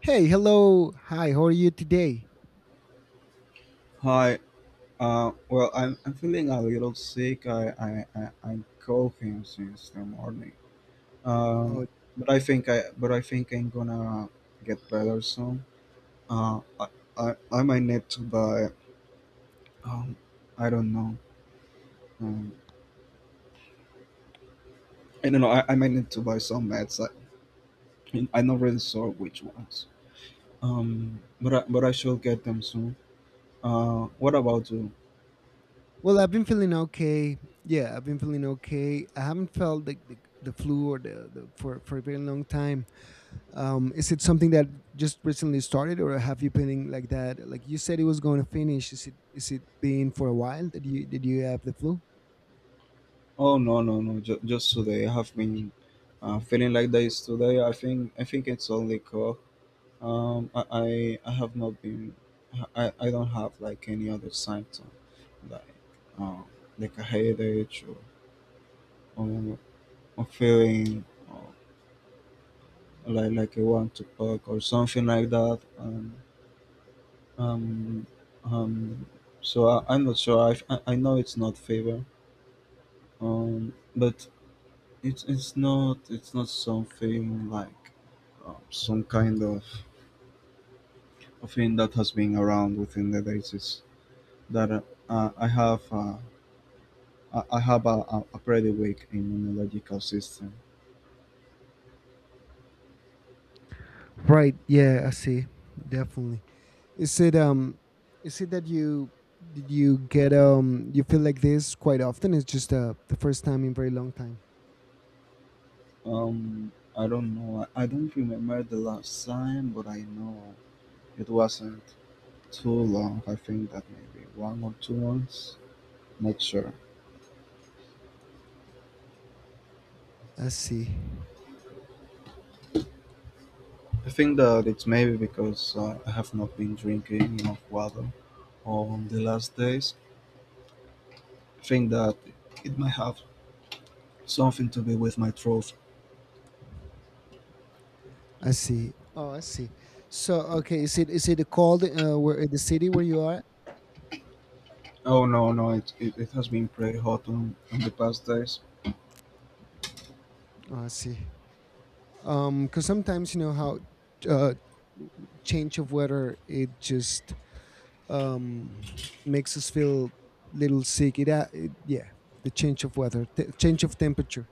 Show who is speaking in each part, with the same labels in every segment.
Speaker 1: Hey, hello. Hi, how are you today?
Speaker 2: Hi. Well, I'm feeling a little sick. I'm coughing since the morning. Um,
Speaker 1: Oh,
Speaker 2: but I think I but I think I'm gonna get better soon. Uh, I, I might need to buy um, I don't know. Um, I don't know. I might need to buy some meds. I'm not really sure which ones. But I shall get them soon. What about you?
Speaker 1: well, I've been feeling okay. Yeah, I've been feeling okay. I haven't felt the flu or for a very long time. Is it something that just recently started, or have you been like that? Like you said, it was going to finish. Is it been for a while? Did you have the flu?
Speaker 2: Oh no, no, no! Just today, I have been feeling like this today. I think it's only cool. I have not been. I don't have like any other symptom, like um, like a headache or, or feeling or like I want to puke or something like that. Um um. So I'm not sure. I know it's not fever. But it's it's not something like some kind of a thing that has been around within the days. It's that uh, I have uh, I have a pretty weak immunological system.
Speaker 1: Right. Yeah, I see. Definitely. Is it um? Is it that you did you get? You feel like this quite often? It's just the first time in very long time.
Speaker 2: I don't know. I don't remember the last time, but I know it wasn't too long. I think that maybe 1 or 2 months. Not sure.
Speaker 1: I see.
Speaker 2: I think that it's maybe because I have not been drinking enough water on the last days, think that it might have something to do with my throat.
Speaker 1: I see. Oh, I see. So, okay, is it called where in the city where you are?
Speaker 2: Oh no, no, it has been pretty hot on the past days.
Speaker 1: Oh, I see. Because sometimes you know how uh, change of weather it just um makes us feel little sick. It yeah, the change of weather, change of temperature.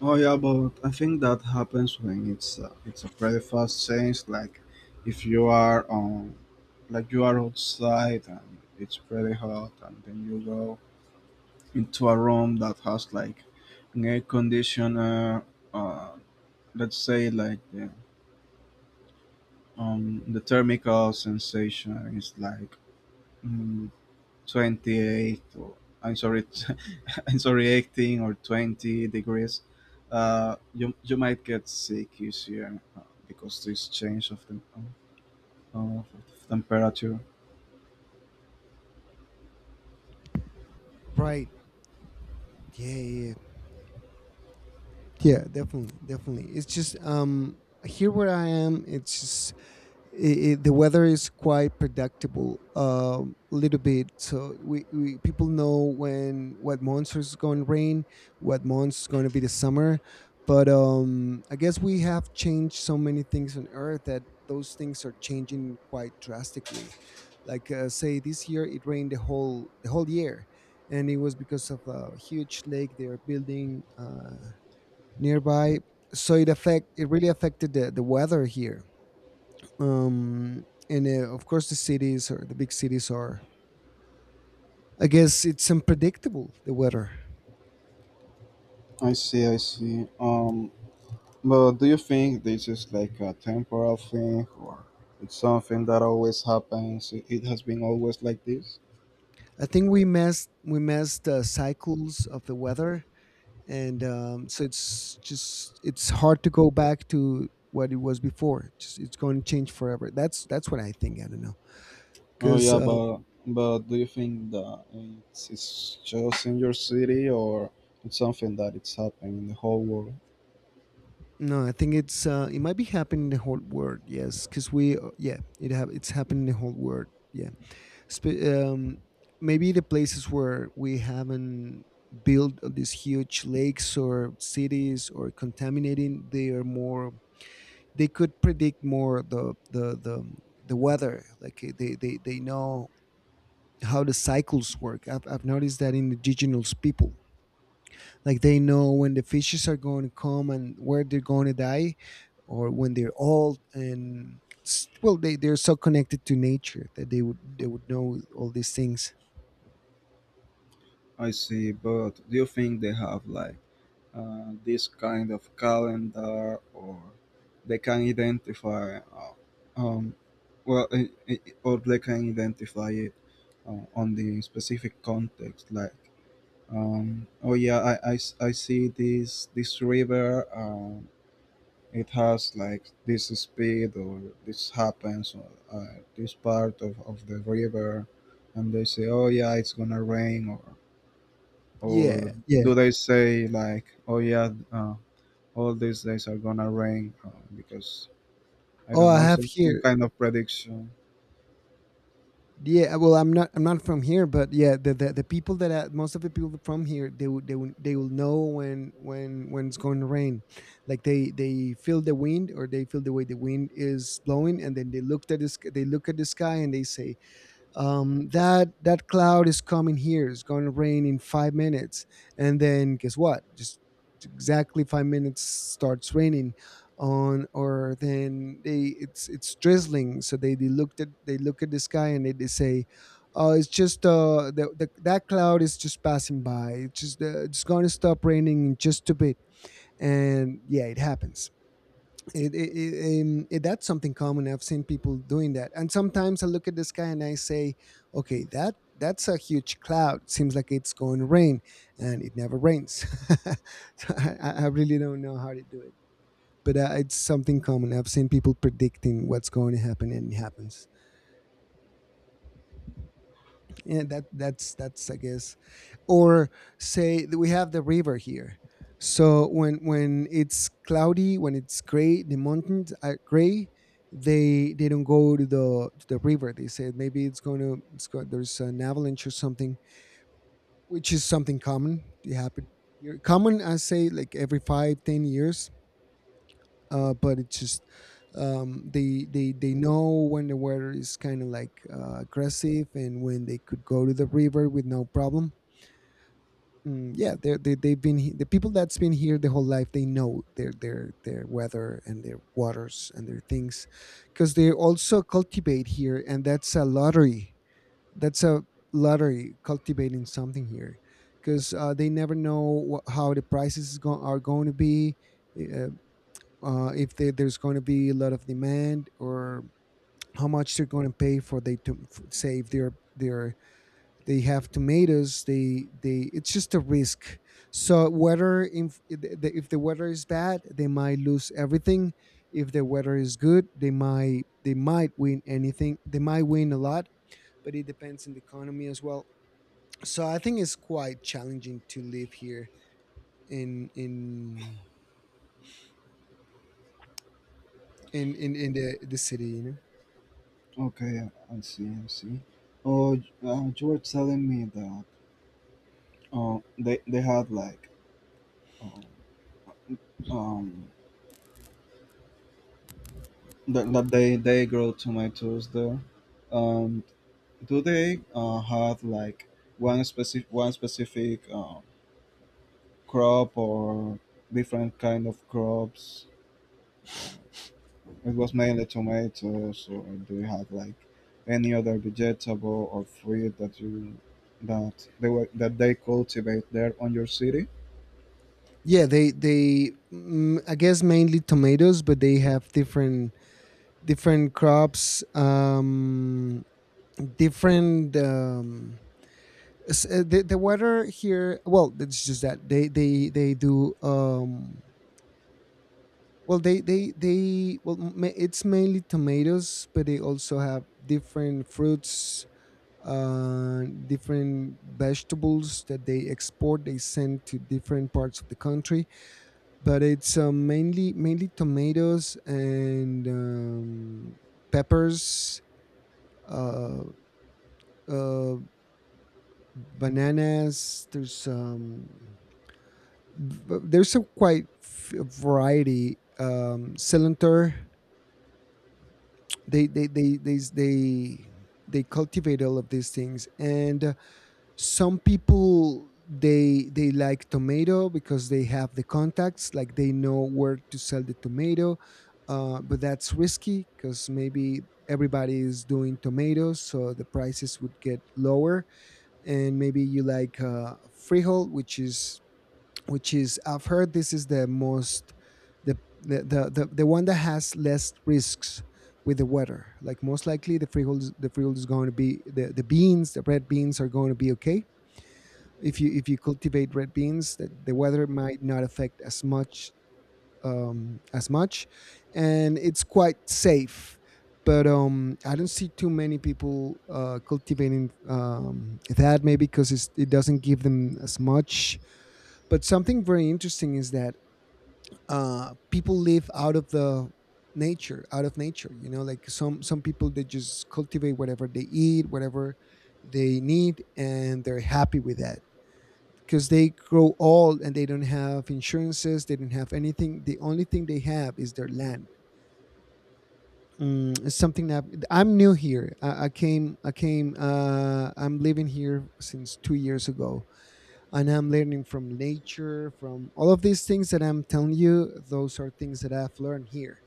Speaker 2: Oh yeah, but I think that happens when it's a pretty fast change. Like if you are on, like you are outside and it's pretty hot, and then you go into a room that has like an air conditioner. Uh, let's say like the thermical sensation is like mm, 28, or I'm sorry, I'm sorry, 18 or 20 degrees. You might get sick easier because this change of the of temperature.
Speaker 1: Right. Yeah. Yeah. Yeah. Yeah, definitely. Definitely. It's just here where I am. It's just the weather is quite predictable a little bit, so we people know when, what months is going to rain, what months is going to be the summer. But I guess we have changed so many things on earth that those things are changing quite drastically. Like say this year it rained the whole year, and it was because of a huge lake they are building nearby. So it really affected the weather here. And of course, the cities or the big cities are. I guess it's unpredictable, the weather.
Speaker 2: I see, I see. Um but do you think this is like a temporal thing, or it's something that always happens? It has been always like this?
Speaker 1: I think we messed the cycles of the weather, and so it's just it's hard to go back to what it was before. Just it's going to change forever. That's what I think. I don't know,
Speaker 2: Oh
Speaker 1: because
Speaker 2: yeah, but do you think that it's just in your city, or it's something that it's happening in the whole world?
Speaker 1: no, I think it might be happening in the whole world. Yes, because we yeah, it's happening in the whole world. Yeah. Sp- um, Maybe the places where we haven't built these huge lakes or cities or contaminating, they are more. They could predict more the weather. Like they know how the cycles work. I've noticed that in indigenous people, like they know when the fishes are going to come and where they're going to die, or when they're old and well they're so connected to nature that they would know all these things.
Speaker 2: I see, but do you think they have like this kind of calendar, or they can identify, um, well, I or they can identify it on the specific context, like, oh yeah, I s- I see this river, it has like this speed, or this happens, or this part of the river, and they say, oh yeah, it's gonna rain, or
Speaker 1: Yeah, yeah.
Speaker 2: do they say like, oh yeah, all these days are gonna rain, because I
Speaker 1: Oh,
Speaker 2: don't
Speaker 1: I
Speaker 2: know,
Speaker 1: have
Speaker 2: some
Speaker 1: here.
Speaker 2: kind of prediction.
Speaker 1: Yeah, well, I'm not. I'm not from here, but yeah, the people that are, most of the people from here, they will know when it's going to rain. Like they feel the wind, or they feel the way the wind is blowing, and then they look at the sky and they say, that cloud is coming here. It's going to rain in 5 minutes, and then guess what? Just exactly 5 minutes starts raining. On or then they It's drizzling, so they look at the sky and they say, oh it's just that cloud is just passing by, it's going to stop raining in just a bit. And yeah, it happens. That's something common. I've seen people doing that. And sometimes I look at the sky and I say, okay, that's a huge cloud, seems like it's going to rain, and it never rains. So I really don't know how to do it. But it's something common. I've seen people predicting what's going to happen and it happens. Yeah, that's I guess. Or, say that we have the river here. So when it's cloudy, when it's gray, the mountains are gray, they don't go to the river. They say maybe it's going to it's going, there's an avalanche or something, which is something common. It happened here. Common, I say, like every 5, 10 years. But it's just they know when the weather is kind of like aggressive, and when they could go to the river with no problem. Yeah, the people that's been here the whole life, they know their weather and their waters and their things, because they also cultivate here, and that's a lottery. That's a lottery, cultivating something here, because they never know how the prices are going to be. Uh, if they, There's going to be a lot of demand, or how much they're going to pay for they to say, if they're, they have tomatoes, they it's just a risk. So weather, if the weather is bad, they might lose everything. If the weather is good, they might win anything, they might win a lot. But it depends on the economy as well. So I think it's quite challenging to live here, in in in the city, you know.
Speaker 2: Okay, I see, I see. Oh, you were telling me that they had like uh, um that, that they grow tomatoes there. Um do they have like one specific crop or different kind of crops? It was mainly tomatoes, or do you have like any other vegetable or fruit that you that they were that they cultivate there on your city?
Speaker 1: Yeah they I guess mainly tomatoes, but they have different different crops. Different the weather here, well it's just that they do well they well it's mainly tomatoes, but they also have different fruits, different vegetables, that they export, they send to different parts of the country. But it's mainly tomatoes, and peppers, uh uh bananas. There's there's a quite variety. Cylinder. They they they they they they cultivate all of these things. And some people, they like tomato, because they have the contacts, like they know where to sell the tomato. But that's risky, because maybe everybody is doing tomatoes, so the prices would get lower. And maybe you like frijol, which is I've heard this is the most, the one that has less risks with the weather. Like, most likely the freehold the freehold is going to be, the beans, the red beans, are going to be okay. If you cultivate red beans, the weather might not affect as much, as much, and it's quite safe. But I don't see too many people cultivating that, maybe because it doesn't give them as much. But something very interesting is that people live out of the nature, out of nature. You know, like some people, they just cultivate whatever they eat, whatever they need, and they're happy with that, because they grow old and they don't have insurances, they don't have anything. The only thing they have is their land. Mm, it's something that I'm new here. I came, I came. I'm living here since 2 years ago, and I'm learning from nature, from all of these things that I'm telling you. Those are things that I've learned here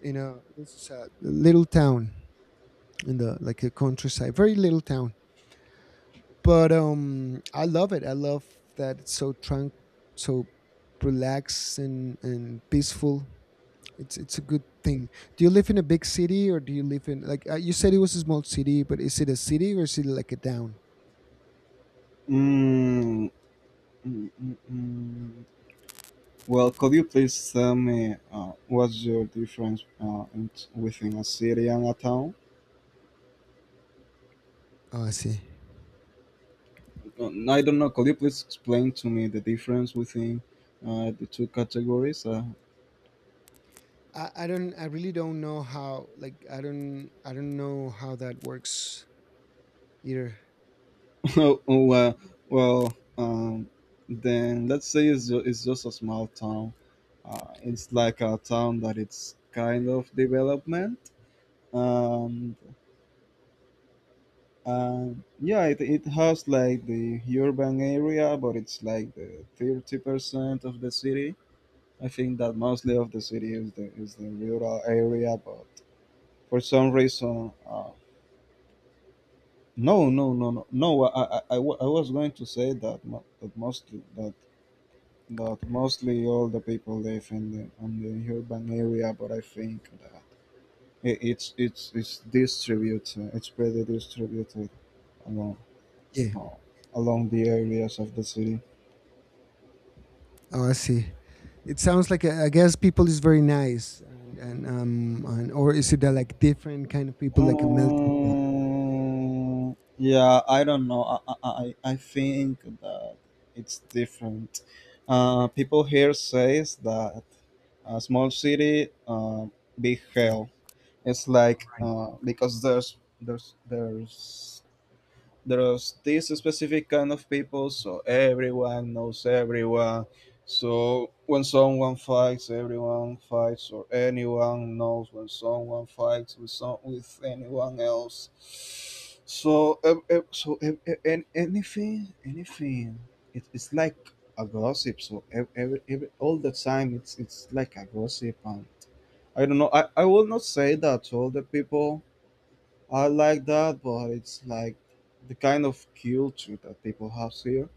Speaker 1: in a, this is a little town, in the, like a countryside, very little town. But I love it. I love that it's so tranquil, so relaxed and peaceful. It's a good thing. Do you live in a big city, or do you live in like you said it was a small city, but is it a city or is it like a town?
Speaker 2: Mm, mm. Well, could you please tell me what's your difference within a city and a town?
Speaker 1: Oh, I see.
Speaker 2: I don't know. Could you please explain to me the difference within the two categories?
Speaker 1: I don't. I really don't know how. Like I don't. I don't know how that works either.
Speaker 2: Oh, well, then let's say it's, it's just a small town. It's like a town that it's kind of development. And yeah, it has like the urban area, but it's like the 30% of the city. I think that mostly of the city is is the rural area, but for some reason, no, no, no, no, no. I was going to say that, that mostly all the people live in the on the urban area, but I think that it's distributed, it's pretty distributed along.
Speaker 1: Yeah.
Speaker 2: No, along the areas of the city.
Speaker 1: Oh, I see. It sounds like I guess people is very nice, and, or is it like different kind of people, like a melting pot?
Speaker 2: Yeah, I don't know. I think that it's different. People here says that a small city big
Speaker 1: Yeah,
Speaker 2: hell. It's like
Speaker 1: right,
Speaker 2: because there's There's this specific kind of people, so everyone knows everyone. So when someone fights, everyone fights, or anyone knows when someone fights with some with anyone else. So anything it's like a gossip. So ev every, all the time it's like a gossip, and I don't know. I will not say that to all the people I like that, but it's like the kind of culture that people have here,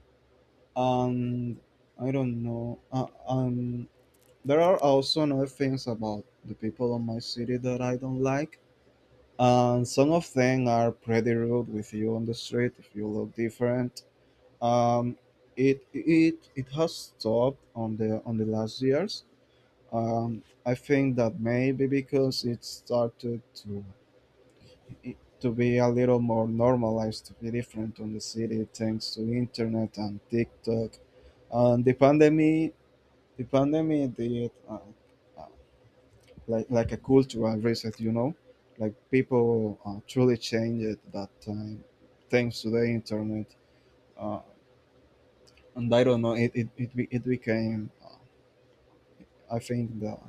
Speaker 2: and I don't know. There are also other things about the people of my city that I don't like, and some of them are pretty rude with you on the street if you look different. Um, it has stopped on the last years. I think that maybe because it started to it to be a little more normalized, to be different on the city thanks to internet and TikTok. And the pandemic did uh, like a cultural reset, you know, like people truly changed at that time thanks to the internet. Uh, and I don't know, it became, I think that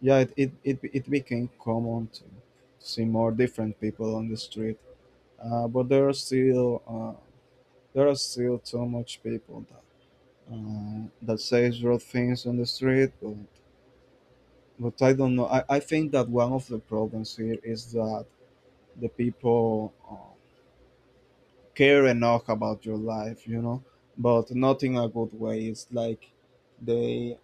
Speaker 2: yeah, it became common to see more different people on the street. But there are still there are still too much people that that says rude things on the street, but I don't know. I think that one of the problems here is that the people care enough about your life, you know, but not in a good way. It's like they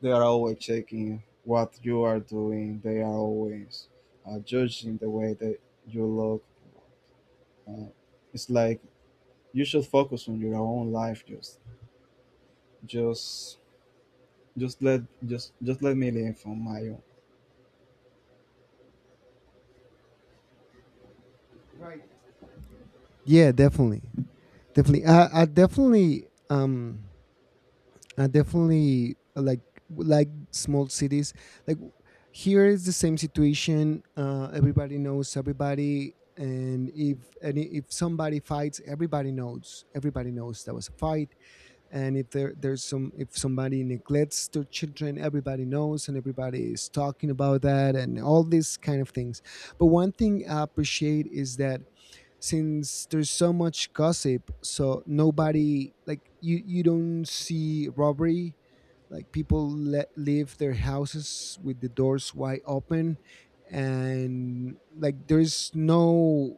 Speaker 2: they are always checking what you are doing. They are always judging the way that you look. Uh, it's like you should focus on your own life. Just Just let just let me live from my own.
Speaker 1: right. Yeah, definitely, definitely. I definitely, I definitely like small cities. Like, here is the same situation. Everybody knows everybody, and if any if somebody fights, everybody knows. Everybody knows there was a fight. And if there there's some if somebody neglects their children, everybody knows, and everybody is talking about that, and all these kind of things. But one thing I appreciate is that since there's so much gossip, so nobody, like, you don't see robbery. Like, people let, leave their houses with the doors wide open, and like there's no,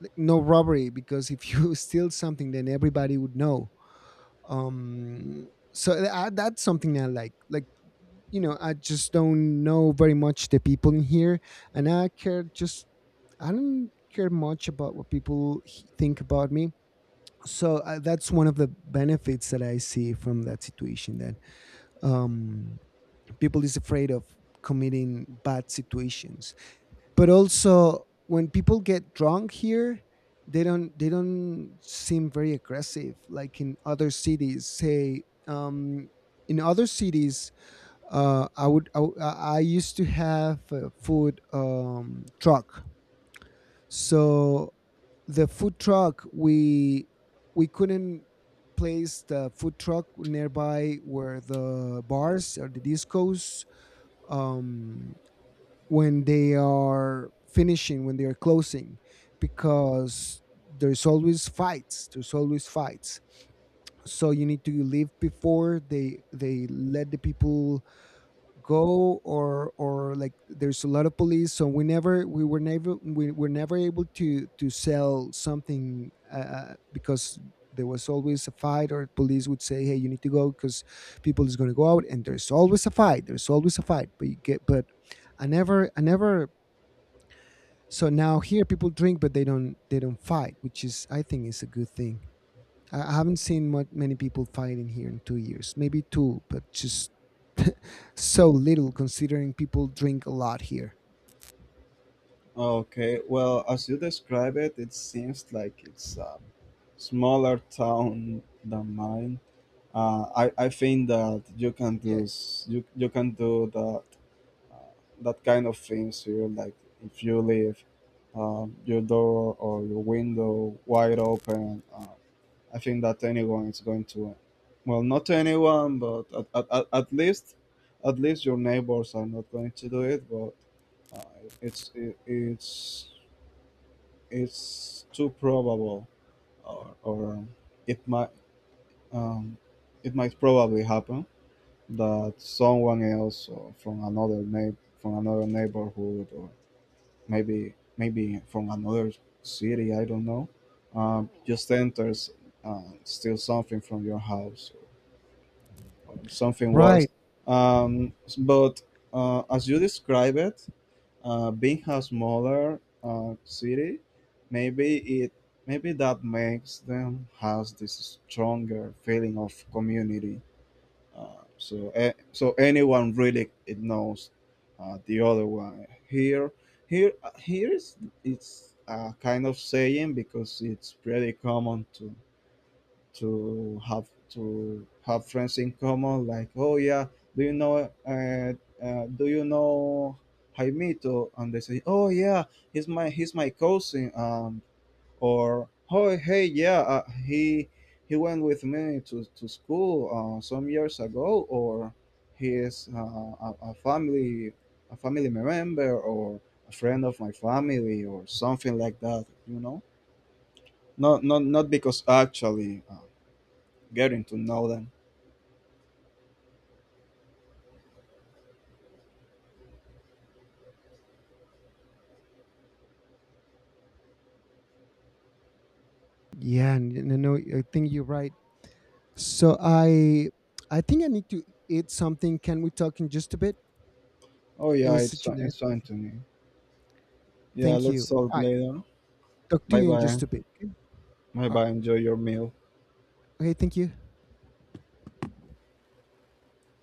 Speaker 1: like, no robbery, because if you steal something, then everybody would know. That's something I like. Like, you know, I just don't know very much the people in here, and I care just, I don't care much about what people think about me. So that's one of the benefits that I see from that situation, that um people is afraid of committing bad situations. But also when people get drunk here, they don't seem very aggressive like in other cities. Say in other cities, I would I used to have a food truck. So the food truck, we couldn't place the food truck nearby where the bars or the discos, um when they are finishing, when they are closing, because there's always fights. There's always fights. So you need to leave before they let the people go, or like there's a lot of police. So we never we were never we were never able to sell something because there was always a fight, or police would say, "Hey, you need to go, because people is going to go out," and there's always a fight. There's always a fight. But you get, but I never, so now here people drink, but they don't fight, which is, I think, is a good thing. I haven't seen much, many people fighting here in 2 years, maybe two, but just so little, considering people drink a lot here.
Speaker 2: Okay, well, as you describe it, it seems like it's a smaller town than mine. I think that you can
Speaker 1: Yeah,
Speaker 2: do you can do that uh, that kind of things here. Like if you leave your door or your window wide open, I think that anyone is going to, well, not anyone, but at, at least your neighbors are not going to do it. But it, it's too probable, or, it might um, it might probably happen that someone else or from another neighborhood, or maybe from another city, I don't know, just enters and steals something from your house, something worse.
Speaker 1: right.
Speaker 2: Um, but as you describe it, being a smaller city, maybe it maybe that makes them has this stronger feeling of community. So anyone really it knows the other one here. Here, Here is, it's a kind of saying because it's pretty common to to have friends in common, like, oh yeah, do you know uh, do you know Jaimito, and they say, oh yeah, he's my cousin, or oh, hey, yeah, he went with me to school some years ago, or he is a, family member, or a friend of my family or something like that, you know, not because actually getting to know them.
Speaker 1: Yeah, and no, no, I think you're right. So I think I need to eat something. Can we talk in just a bit?
Speaker 2: Oh
Speaker 1: It
Speaker 2: yeah,
Speaker 1: was
Speaker 2: it's
Speaker 1: such a nice.
Speaker 2: Anthony. Yeah,
Speaker 1: Thank you,
Speaker 2: let's talk
Speaker 1: all right.
Speaker 2: later.
Speaker 1: Talk to
Speaker 2: Bye
Speaker 1: you in just
Speaker 2: bye.
Speaker 1: a bit, okay?
Speaker 2: Bye
Speaker 1: All right,
Speaker 2: bye. Enjoy your meal.
Speaker 1: okay, thank you.